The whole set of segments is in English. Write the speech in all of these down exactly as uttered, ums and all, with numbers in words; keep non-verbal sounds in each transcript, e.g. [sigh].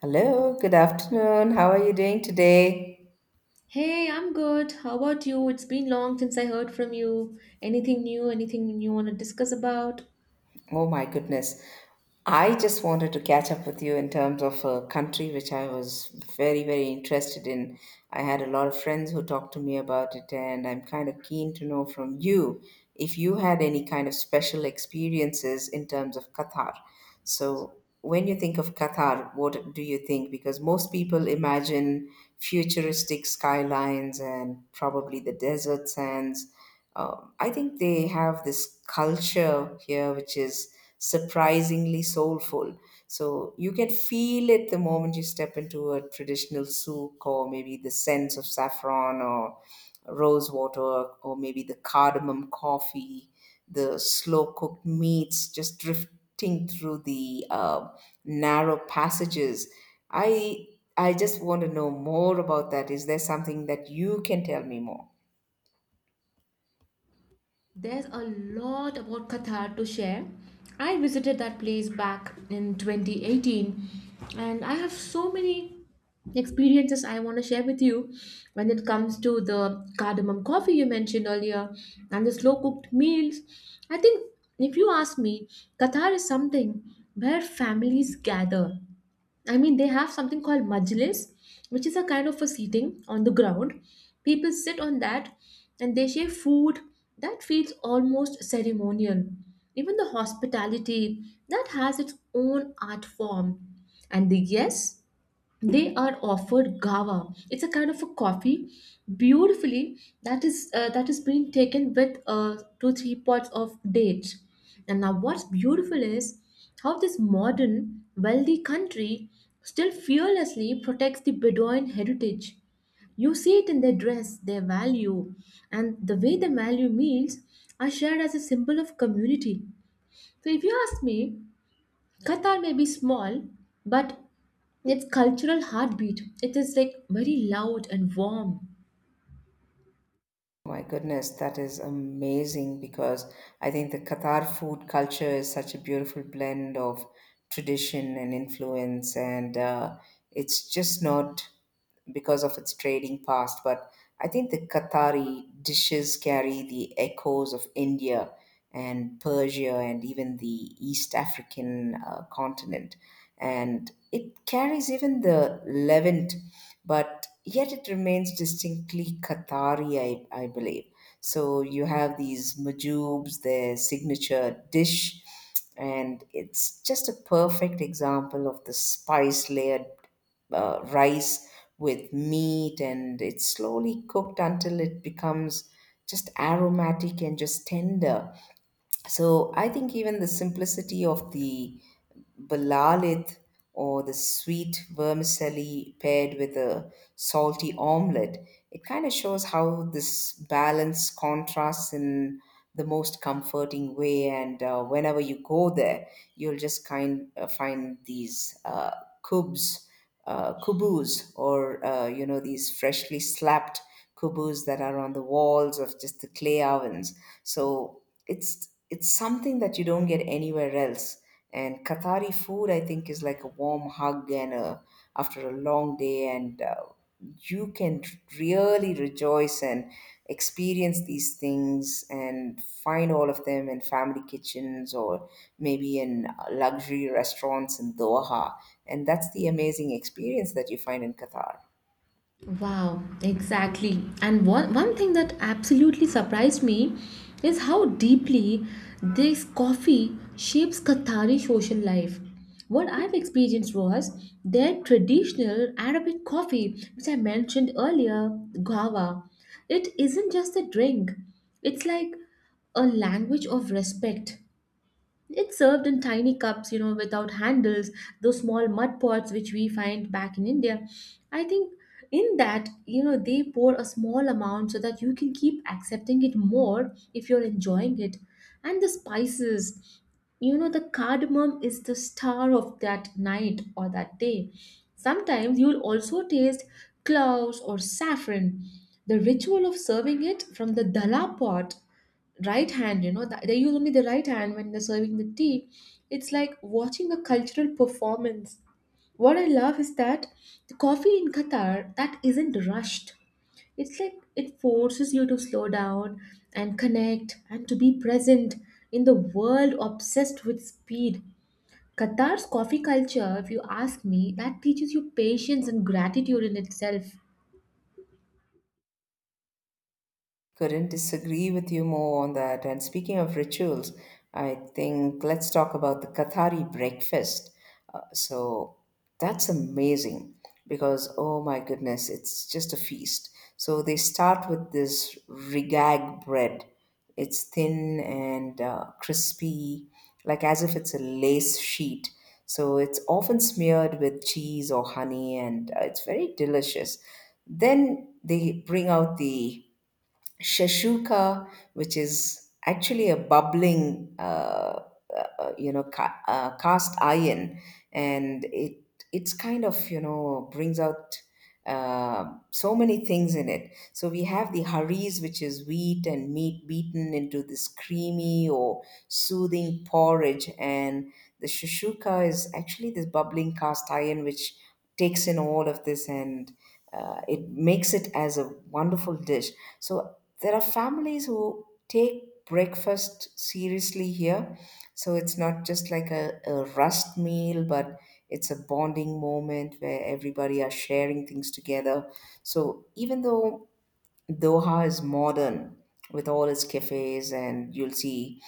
Hello, good afternoon. How are you doing today? Hey, I'm good. How about you? It's been long since I heard from you. Anything new? Anything you want to discuss about? Oh my goodness. I just wanted to catch up with you in terms of a country which I was very, very interested in. I had a lot of friends who talked to me about it, and I'm kind of keen to know from you if you had any kind of special experiences in terms of Qatar. So, when you think of Qatar, what do you think? Because most people imagine futuristic skylines and probably the desert sands. Um, I think they have this culture here which is surprisingly soulful. So you can feel it the moment you step into a traditional souk, or maybe the scents of saffron or rose water, or maybe the cardamom coffee, the slow cooked meats just drifting through the uh, narrow passages. I I just want to know more about that. Is there something that you can tell me more? There's a lot about Qatar to share. I visited that place back in twenty eighteen, and I have so many experiences I want to share with you when it comes to the cardamom coffee you mentioned earlier and the slow cooked meals. I think if you ask me, Qatar is something where families gather. I mean, they have something called majlis, which is a kind of a seating on the ground. People sit on that and they share food. That feels almost ceremonial. Even the hospitality, that has its own art form. And the yes, they are offered gawa, it's a kind of a coffee beautifully, that is uh, that is being taken with uh, two three pots of dates. And now what's beautiful is how this modern wealthy country still fearlessly protects the bedouin heritage. You see it in their dress, their value, and the way they value meals are shared as a symbol of community. So if you ask me, Qatar may be small, but its cultural heartbeat, it is like very loud and warm. My goodness, that is amazing because I think the Qatar food culture is such a beautiful blend of tradition and influence, and uh, it's just not because of its trading past, but I think the Qatari dishes carry the echoes of India and Persia and even the East African uh, continent. And it carries even the Levant, but yet it remains distinctly Qatari, I, I believe. So you have these majoobs, their signature dish, and it's just a perfect example of the spice layered uh, rice with meat, and it's slowly cooked until it becomes just aromatic and just tender. So I think even the simplicity of the balalith or the sweet vermicelli paired with a salty omelette, it kind of shows how this balance contrasts in the most comforting way. And uh, whenever you go there, you'll just kind of find these uh, cubes uh, kubus, or uh, you know, these freshly slapped kubus that are on the walls of just the clay ovens. So it's it's something that you don't get anywhere else, and Qatari food, I think, is like a warm hug and a, after a long day, and uh, you can really rejoice and experience these things and find all of them in family kitchens or maybe in luxury restaurants in Doha. And that's the amazing experience that you find in Qatar. Wow, exactly. And one, one thing that absolutely surprised me is how deeply this coffee shapes Qatari social life. What I've experienced was their traditional Arabic coffee, which I mentioned earlier, gawa. It isn't just a drink, it's like a language of respect. It's served in tiny cups, you know, without handles, those small mud pots which we find back in India. I think in that, you know, they pour a small amount so that you can keep accepting it more if you're enjoying it. And the spices, you know, the cardamom is the star of that night or that day. Sometimes you'll also taste cloves or saffron. The ritual of serving it from the dala pot, right hand, you know that they use only the right hand when they're serving the tea, it's like watching a cultural performance. What I love is that the coffee in Qatar, that isn't rushed. It's like it forces you to slow down and connect and to be present. In the world obsessed with speed, Qatar's coffee culture, if you ask me, that teaches you patience and gratitude in itself. Couldn't disagree with you more on that. And speaking of rituals, I think let's talk about the Qatari breakfast. Uh, so that's amazing because, oh my goodness, it's just a feast. So they start with this rigag bread. It's thin and uh, crispy, like as if it's a lace sheet. So it's often smeared with cheese or honey, and uh, it's very delicious. Then they bring out the Shashuka, which is actually a bubbling, uh, uh, uh, you know, ca- uh, cast iron, and it it's kind of, you know, brings out uh, so many things in it. So we have the haris, which is wheat and meat beaten into this creamy or soothing porridge, and the shashuka is actually this bubbling cast iron which takes in all of this and uh, it makes it as a wonderful dish. So there are families who take breakfast seriously here. So it's not just like a, a rust meal, but it's a bonding moment where everybody are sharing things together. So even though Doha is modern with all its cafes, and you'll see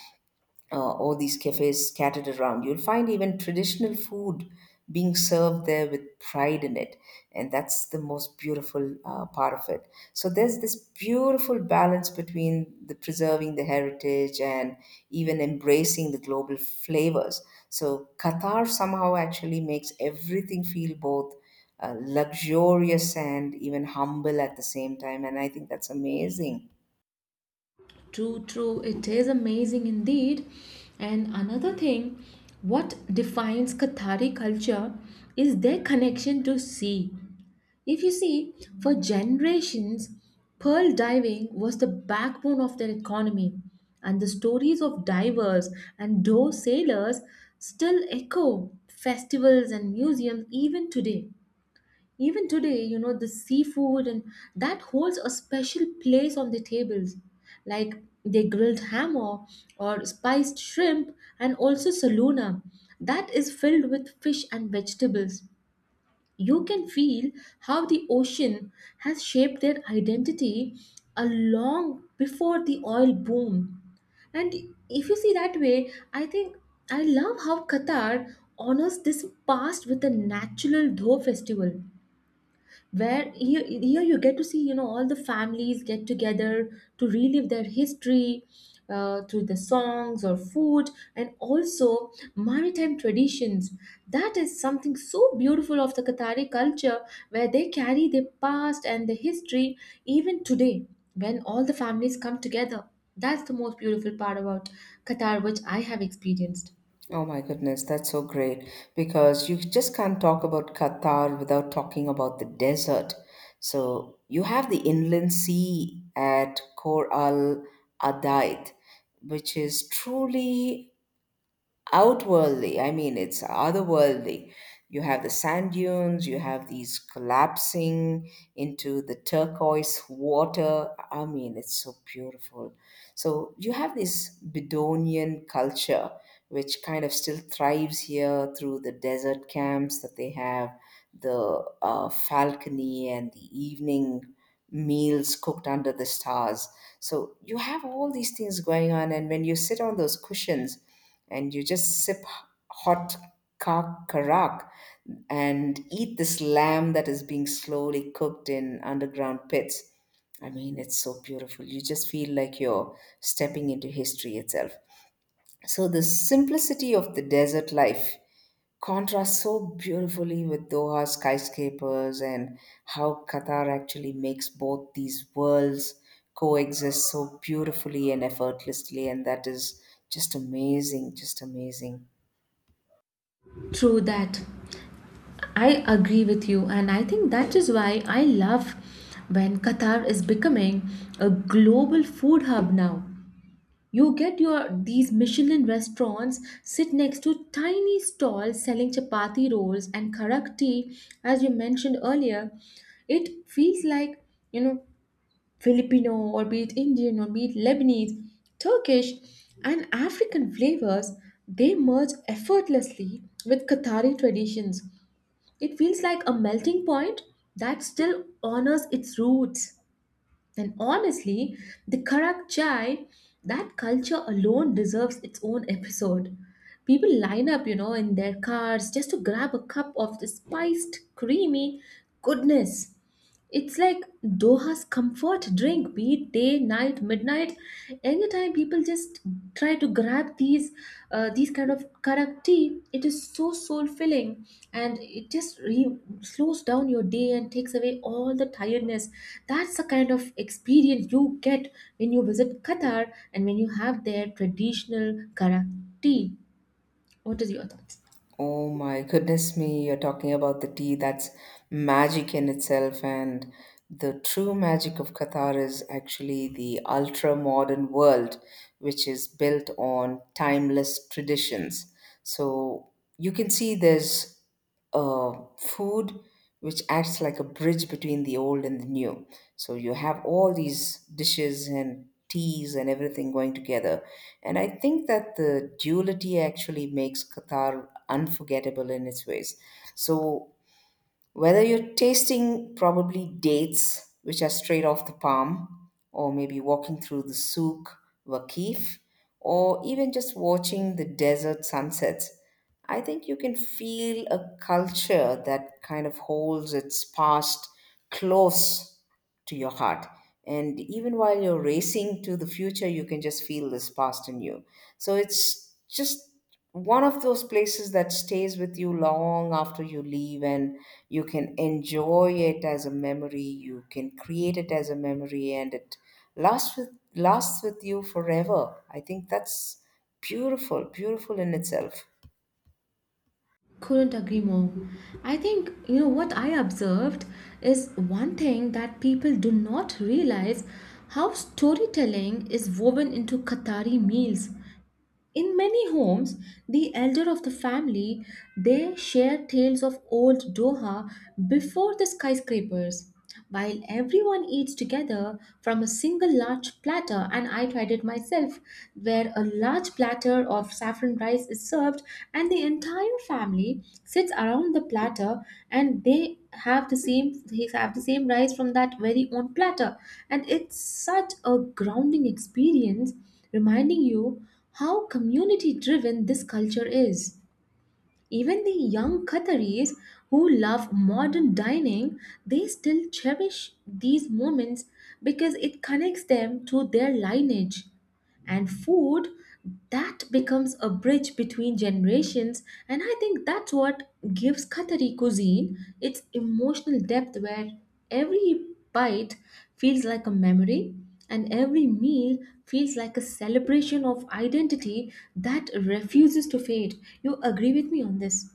uh, all these cafes scattered around. You'll find even traditional food being served there with pride in it. And that's the most beautiful uh, part of it. So there's this beautiful balance between the preserving the heritage and even embracing the global flavors. So Qatar somehow actually makes everything feel both uh, luxurious and even humble at the same time. And I think that's amazing. True, true. It is amazing indeed. And another thing, what defines Qatari culture is their connection to sea. If you see, for generations, pearl diving was the backbone of their economy, and the stories of divers and those sailors still echo festivals and museums even today. Even today, you know, the seafood and that holds a special place on the tables. Like they grilled ham, or or spiced shrimp, and also saluna that is filled with fish and vegetables. You can feel how the ocean has shaped their identity a long before the oil boom. And if you see that way, I think I love how Qatar honors this past with a natural Dho festival, where here, here you get to see you know all the families get together to relive their history, uh, through the songs or food and also maritime traditions. That is something so beautiful of the Qatari culture, where they carry their past and their history even today, when all the families come together. That's the most beautiful part about Qatar, which I have experienced Oh my goodness, that's so great because you just can't talk about Qatar without talking about the desert. So you have the inland sea at Khor Al Adaid, which is truly outworldly. I mean, it's otherworldly. You have the sand dunes, you have these collapsing into the turquoise water. I mean, it's so beautiful. So, you have this Bedouinian culture, which kind of still thrives here through the desert camps that they have, the uh, falconry, and the evening meals cooked under the stars. So, you have all these things going on, and when you sit on those cushions, and you just sip hot ka- karak and eat this lamb that is being slowly cooked in underground pits. I mean, it's so beautiful. You just feel like you're stepping into history itself. So, the simplicity of the desert life contrasts so beautifully with Doha's skyscrapers, and how Qatar actually makes both these worlds coexist so beautifully and effortlessly. And that is just amazing, just amazing. through that. I agree with you, and I think that is why I love when Qatar is becoming a global food hub now. You get your these Michelin restaurants sit next to tiny stalls selling chapati rolls and karak tea, as you mentioned earlier. It feels like you know Filipino or be it Indian or be it Lebanese, Turkish, and African flavors. They merge effortlessly with Qatari traditions. It feels like a melting point that still honors its roots. And honestly, the Karak Chai, that culture alone deserves its own episode. People line up, you know, in their cars just to grab a cup of the spiced, creamy goodness. It's like Doha's comfort drink, be it day, night, midnight. Anytime people just try to grab these, uh, these kind of karak tea, it is so soul filling, and it just re- slows down your day and takes away all the tiredness. That's the kind of experience you get when you visit Qatar and when you have their traditional karak tea. What is your thoughts? Oh my goodness me, you're talking about the tea that's magic in itself. And the true magic of Qatar is actually the ultra modern world, which is built on timeless traditions. So you can see there's uh, food which acts like a bridge between the old and the new. So you have all these dishes and teas and everything going together. And I think that the duality actually makes Qatar unforgettable in its ways. So whether you're tasting probably dates, which are straight off the palm, or maybe walking through the Souk Waqif, or even just watching the desert sunsets, I think you can feel a culture that kind of holds its past close to your heart. And even while you're racing to the future, you can just feel this past in you. So it's just one of those places that stays with you long after you leave, and you can enjoy it as a memory, you can create it as a memory, and it lasts with lasts with you forever. I think that's beautiful, beautiful in itself. Couldn't agree more. I think, you know, what I observed is one thing that people do not realize, how storytelling is woven into Qatari meals. In many homes, the elder of the family, they share tales of old Doha before the skyscrapers, while everyone eats together from a single large platter. And I tried it myself, where a large platter of saffron rice is served, and the entire family sits around the platter, and they have the same they have the same rice from that very own platter. And it's such a grounding experience, reminding you how community driven this culture is. Even the young Qataris who love modern dining, they still cherish these moments because it connects them to their lineage, and food, that becomes a bridge between generations. And I think that's what gives Qatari cuisine its emotional depth, where every bite feels like a memory and every meal feels like a celebration of identity that refuses to fade. You agree with me on this?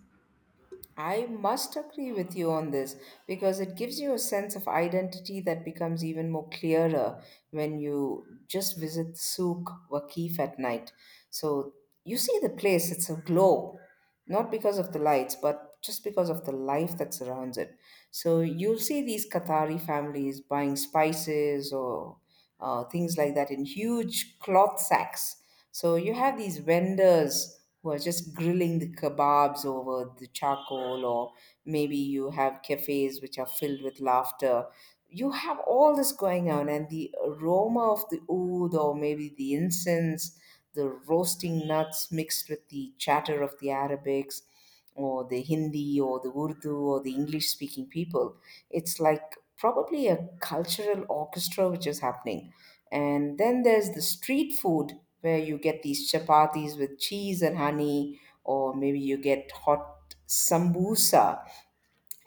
I must agree with you on this because it gives you a sense of identity that becomes even more clearer when you just visit Souk Waqif at night. So you see the place, it's aglow, not because of the lights, but just because of the life that surrounds it. So you'll see these Qatari families buying spices or uh, things like that in huge cloth sacks. So you have these vendors who are just grilling the kebabs over the charcoal, or maybe you have cafes which are filled with laughter. You have all this going on, and the aroma of the oud, or maybe the incense, the roasting nuts mixed with the chatter of the Arabics, or the Hindi, or the Urdu, or the English speaking people. It's like probably a cultural orchestra which is happening. And then there's the street food where you get these chapatis with cheese and honey, or maybe you get hot sambusa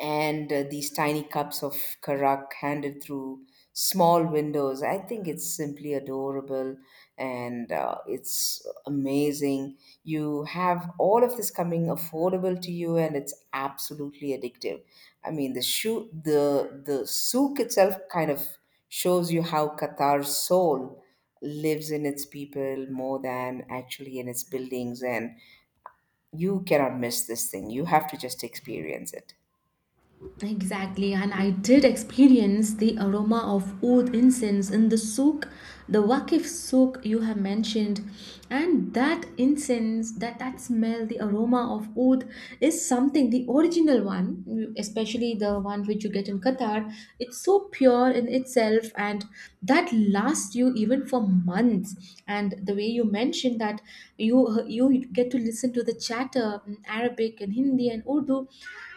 and uh, these tiny cups of karak handed through small windows. I think it's simply adorable, and uh, it's amazing. You have all of this coming affordable to you, and it's absolutely addictive. I mean, the shoe, the the souk itself kind of shows you how Qatar's soul lives in its people more than actually in its buildings, and you cannot miss this thing. You have to just experience it. Exactly, and I did experience the aroma of oud incense in the souk, the Wakif souk you have mentioned, and that incense, that that smell, the aroma of oud is something. The original one, especially the one which you get in Qatar, it's so pure in itself, and that lasts you even for months. And the way you mentioned that you you get to listen to the chatter in Arabic and Hindi and Urdu,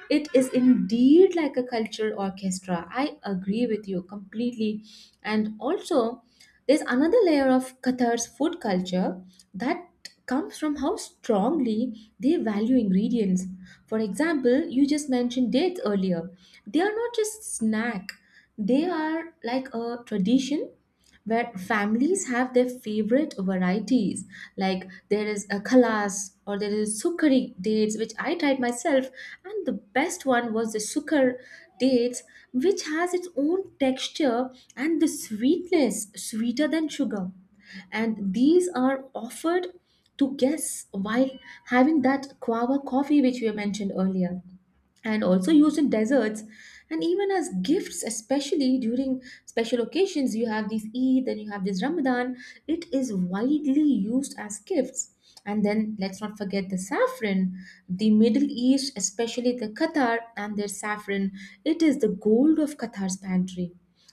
it is indeed like a cultural orchestra. I agree with you completely. And also, there's another layer of Qatar's food culture that comes from how strongly they value ingredients. For example, you just mentioned dates earlier. They are not just snack. They are like a tradition where families have their favorite varieties. Like there is a khalas, or there is sukari dates, which I tried myself, and the best one was the sukar dates, which has its own texture and the sweetness, sweeter than sugar. And these are offered to guests while having that guava coffee, which we mentioned earlier, and also used in desserts and even as gifts, especially during special occasions. You have these eid, then you have this ramadan, it is widely used as gifts. And then let's not forget the saffron. The Middle East, especially the Qatar and their saffron, it is the gold of Qatar's pantry.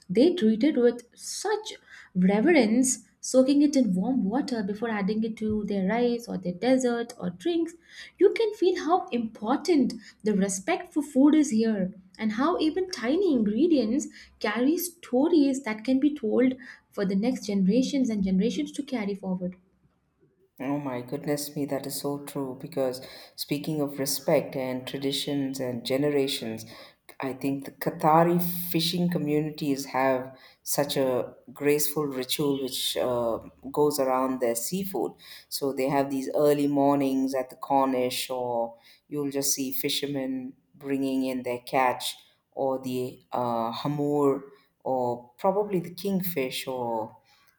They treat it with such reverence, soaking it in warm water before adding it to their rice or their dessert or drinks. You can feel how important the respect for food is here, and how even tiny ingredients carry stories that can be told for the next generations and generations to carry forward. Oh my goodness me, that is so true. Because speaking of respect and traditions and generations, I think the Qatari fishing communities have such a graceful ritual which uh, goes around their seafood. So they have these early mornings at the Cornish, or you'll just see fishermen bringing in their catch, or the uh, hamur, or probably the kingfish, or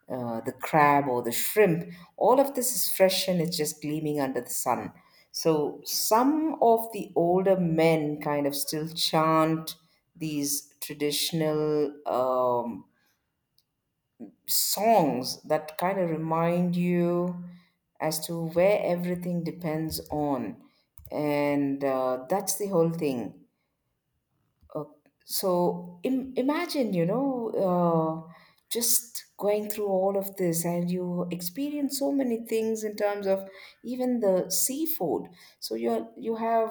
uh, the crab or the shrimp, all of this is fresh and it's just gleaming under the sun. So some of the older men kind of still chant these traditional um, songs that kind of remind you as to where everything depends on. And uh, that's the whole thing. So Im- imagine, you know, uh, just going through all of this, and you experience so many things in terms of even the seafood. So you you have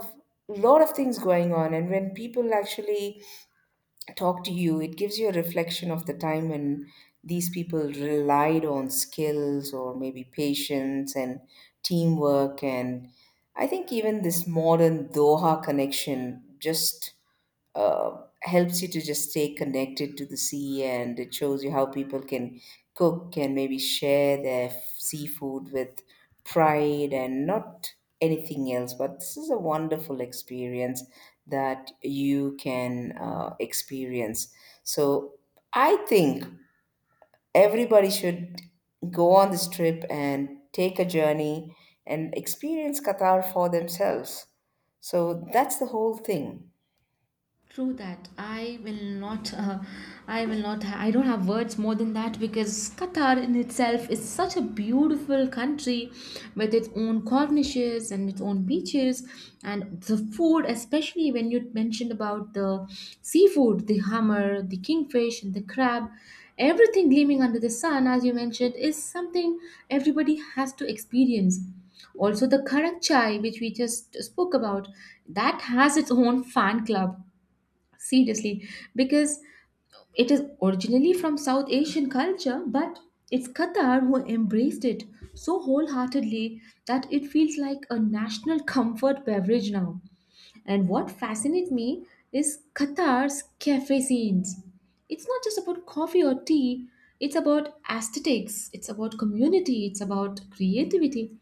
a lot of things going on, and when people actually talk to you, it gives you a reflection of the time when these people relied on skills or maybe patience and teamwork, and I think even this modern Doha connection just uh, helps you to just stay connected to the sea, and it shows you how people can cook and maybe share their f- seafood with pride and not anything else. But this is a wonderful experience that you can uh, experience. So I think everybody should go on this trip and take a journey and experience Qatar for themselves. So that's the whole thing. True that. I will not. Uh, I will not. ha- I don't have words more than that, because Qatar in itself is such a beautiful country with its own Cornishes and its own beaches and the food, especially when you mentioned about the seafood, the hammer, the kingfish, and the crab. Everything gleaming under the sun, as you mentioned, is something everybody has to experience. Also, the Karak chai, which we just spoke about, that has its own fan club, seriously, because it is originally from South Asian culture, but it's Qatar who embraced it so wholeheartedly that it feels like a national [laughs] comfort beverage now. And what fascinates me is Qatar's cafe scenes. It's not just about coffee or tea, it's about aesthetics, it's about community, it's about creativity.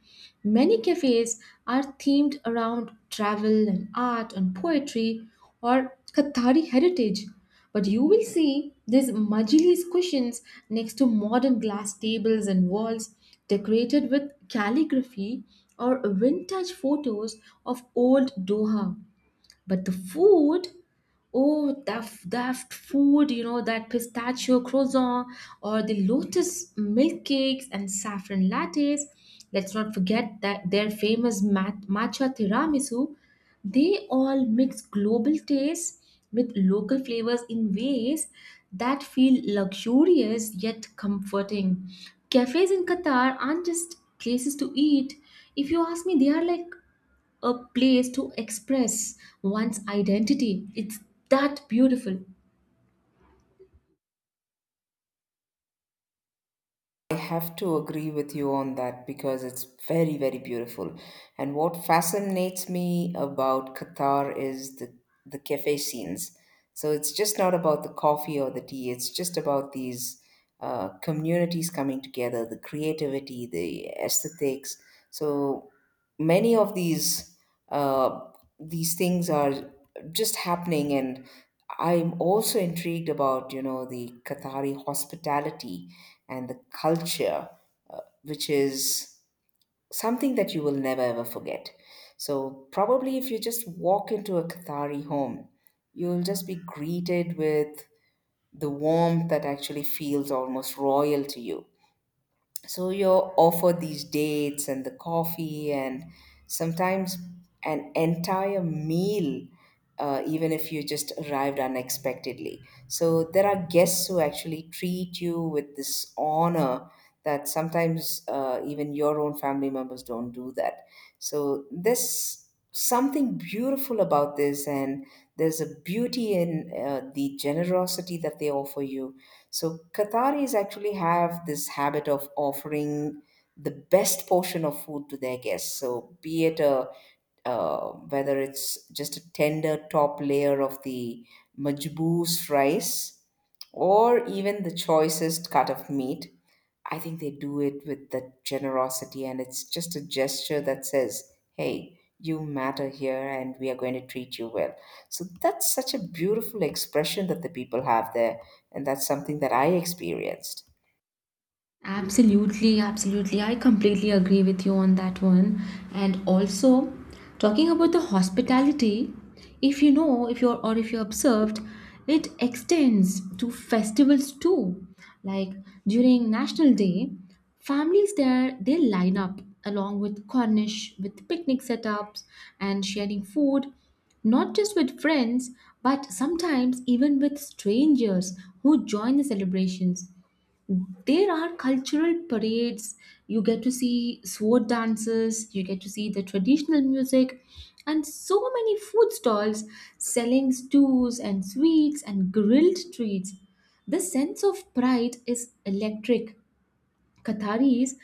Many cafes are themed around travel and art and poetry or Qatari heritage. But you will see these Majlis cushions next to modern glass tables, and walls decorated with calligraphy or vintage photos of old Doha. But the food, oh, that that food, you know, that pistachio croissant or the lotus milk cakes and saffron lattes. Let's not forget that their famous mat- matcha tiramisu. They all mix global tastes with local flavors in ways that feel luxurious yet comforting. Cafes in Qatar aren't just places to eat. If you ask me, they are like a place to express one's identity. It's that beautiful. I have to agree with you on that because it's very, very beautiful. And what fascinates me about Qatar is the, the cafe scenes. So it's just not about the coffee or the tea, it's just about these uh, communities coming together, the creativity, the aesthetics. So many of these uh, these things are just happening, and I'm also intrigued about, you know, the Qatari hospitality and the culture, uh, which is something that you will never ever forget. So, probably if you just walk into a Qatari home, you'll just be greeted with the warmth that actually feels almost royal to you. So you're offered these dates and the coffee and sometimes an entire meal, uh, even if you just arrived unexpectedly. So there are guests who actually treat you with this honor that sometimes uh, even your own family members don't do that. So there's something beautiful about this, and there's a beauty in uh, the generosity that they offer you. So Qataris actually have this habit of offering the best portion of food to their guests. So be it a uh, whether it's just a tender top layer of the majboos rice or even the choicest cut of meat, I think they do it with that generosity, and it's just a gesture that says, "Hey, you matter here, and we are going to treat you well." So that's such a beautiful expression that the people have there, and that's something that I experienced. Absolutely, absolutely. I completely agree with you on that one. And also, talking about the hospitality, if you know, if you're or if you observed, it extends to festivals too. Like during National Day, families there, they line up along with Cornish with picnic setups and sharing food, not just with friends, but sometimes even with strangers who join the celebrations. There are cultural parades, you get to see sword dances, you get to see the traditional music, and so many food stalls selling stews and sweets and grilled treats. The sense of pride is electric. Qataris,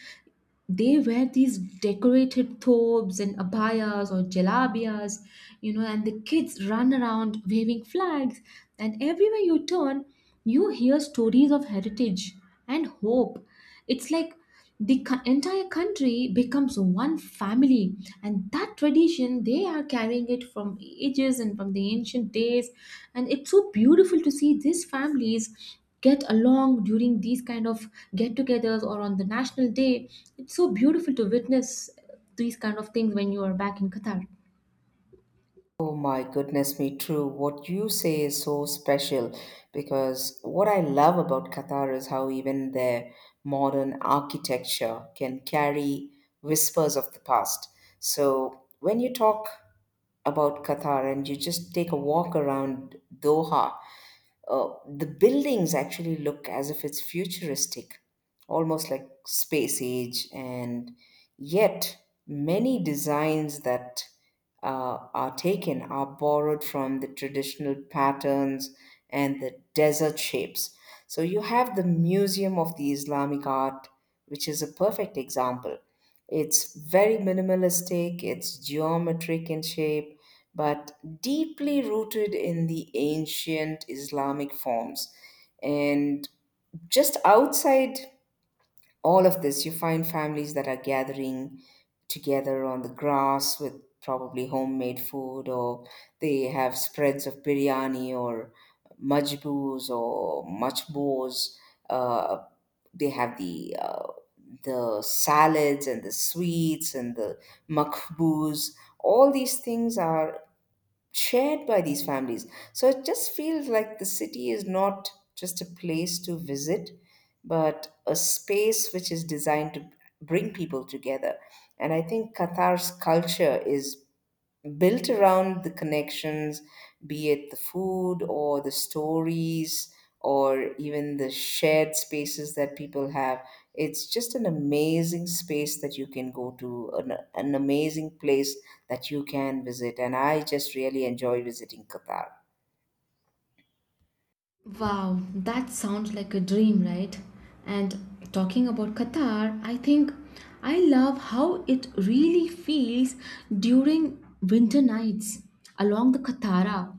they wear these decorated thobes and abayas or jalabiyas, you know, and the kids run around waving flags. And everywhere you turn, you hear stories of heritage and hope. It's like the co- entire country becomes one family, and that tradition, they are carrying it from ages and from the ancient days. And it's so beautiful to see these families get along during these kind of get-togethers or on the national day. It's so beautiful to witness these kind of things when you are back in Qatar. Oh my goodness me, true. What you say is so special because what I love about Qatar is how even their modern architecture can carry whispers of the past. So when you talk about Qatar and you just take a walk around Doha, uh, the buildings actually look as if it's futuristic, almost like space age, and yet many designs that uh, are taken are borrowed from the traditional patterns and the desert shapes. So you have the Museum of the Islamic Art, which is a perfect example. It's very minimalistic, it's geometric in shape, but deeply rooted in the ancient Islamic forms. And just outside all of this, you find families that are gathering together on the grass with probably homemade food, or they have spreads of biryani or majboos or machbos. Uh, they have the uh, the salads and the sweets and the makbuz. All these things are shared by these families. So it just feels like the city is not just a place to visit, but a space which is designed to bring people together. And I think Qatar's culture is built around the connections, be it the food or the stories or even the shared spaces that people have. It's just an amazing space that you can go to, an, an amazing place that you can visit. And I just really enjoy visiting Qatar. Wow, that sounds like a dream, right? And talking about Qatar, I think I love how it really feels during winter nights along the Katara.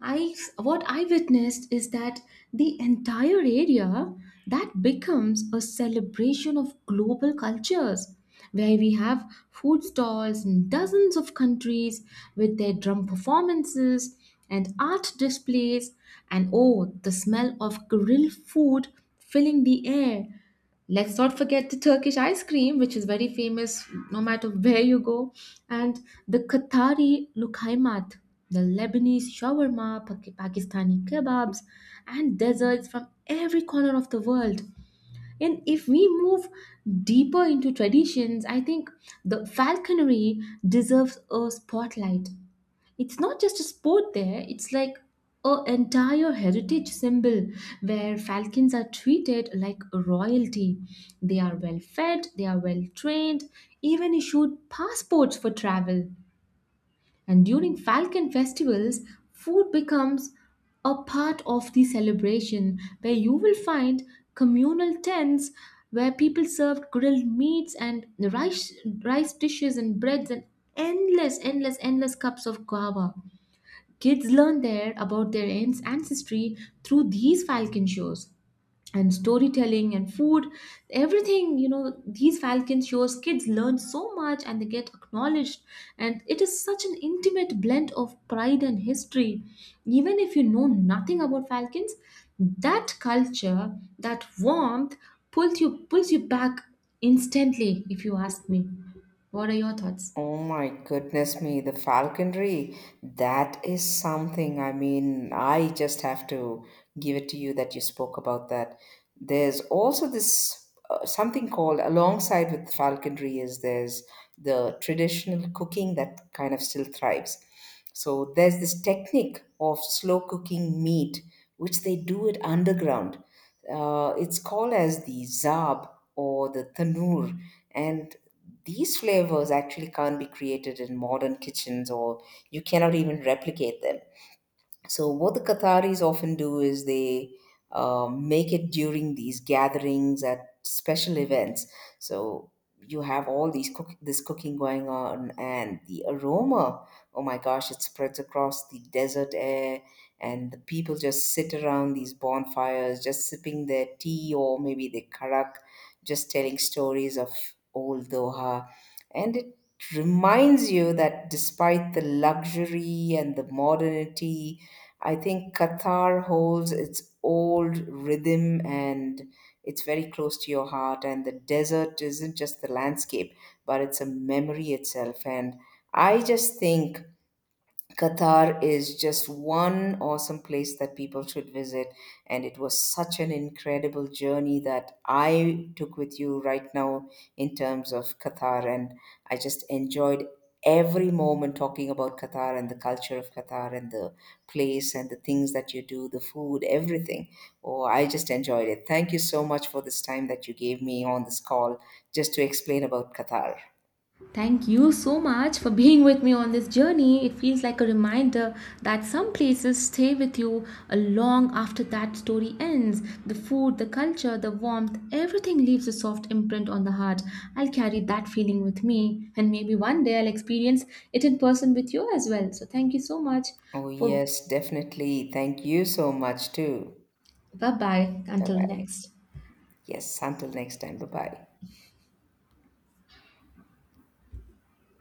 I what I witnessed is that the entire area, that becomes a celebration of global cultures, where we have food stalls in dozens of countries with their drum performances and art displays, and oh, the smell of grilled food filling the air. Let's not forget the Turkish ice cream, which is very famous no matter where you go, and the Qatari lukaimat, the Lebanese shawarma, Pak- Pakistani kebabs, and desserts from every corner of the world. And if we move deeper into traditions, I think the falconry deserves a spotlight. It's not just a sport there, it's like a entire heritage symbol where falcons are treated like royalty. They are well fed, they are well trained, even issued passports for travel. And during falcon festivals, food becomes a part of the celebration, where you will find communal tents where people served grilled meats and rice rice dishes and breads and endless endless endless cups of guava. Kids learn there about their aunt's ancestry through these falcon shows and storytelling and food, everything, you know, these falcon shows, kids learn so much and they get acknowledged. And it is such an intimate blend of pride and history. Even if you know nothing about falcons, that culture, that warmth pulls you pulls you back instantly, if you ask me. What are your thoughts? Oh my goodness me, the falconry, that is something. I mean, I just have to give it to you that you spoke about that. There's also this uh, something called alongside with falconry. Is there's the traditional cooking that kind of still thrives. So there's this technique of slow cooking meat, which they do it underground. Uh, it's called as the zab or the tanur, and these flavors actually can't be created in modern kitchens, or you cannot even replicate them. So, what the Qataris often do is they uh, make it during these gatherings at special events. So, you have all these cook- this cooking going on, and the aroma. Oh my gosh, it spreads across the desert air, and the people just sit around these bonfires, just sipping their tea or maybe their karak, just telling stories of old Doha, and it reminds you that despite the luxury and the modernity, I think Qatar holds its old rhythm, and it's very close to your heart. And the desert isn't just the landscape, but it's a memory itself. And I just think Qatar is just one awesome place that people should visit. And it was such an incredible journey that I took with you right now in terms of Qatar. And I just enjoyed every moment talking about Qatar and the culture of Qatar and the place and the things that you do, the food, everything. Oh, I just enjoyed it. Thank you so much for this time that you gave me on this call just to explain about Qatar. Thank you so much for being with me on this journey. It feels like a reminder that some places stay with you a long after that story ends. The food, the culture, the warmth, everything leaves a soft imprint on the heart. I'll carry that feeling with me, and maybe one day I'll experience it in person with you as well. So, thank you so much Oh, for yes, definitely. Thank you so much, too. bye bye Bye until the bye. next. Yes, until next time. Bye bye.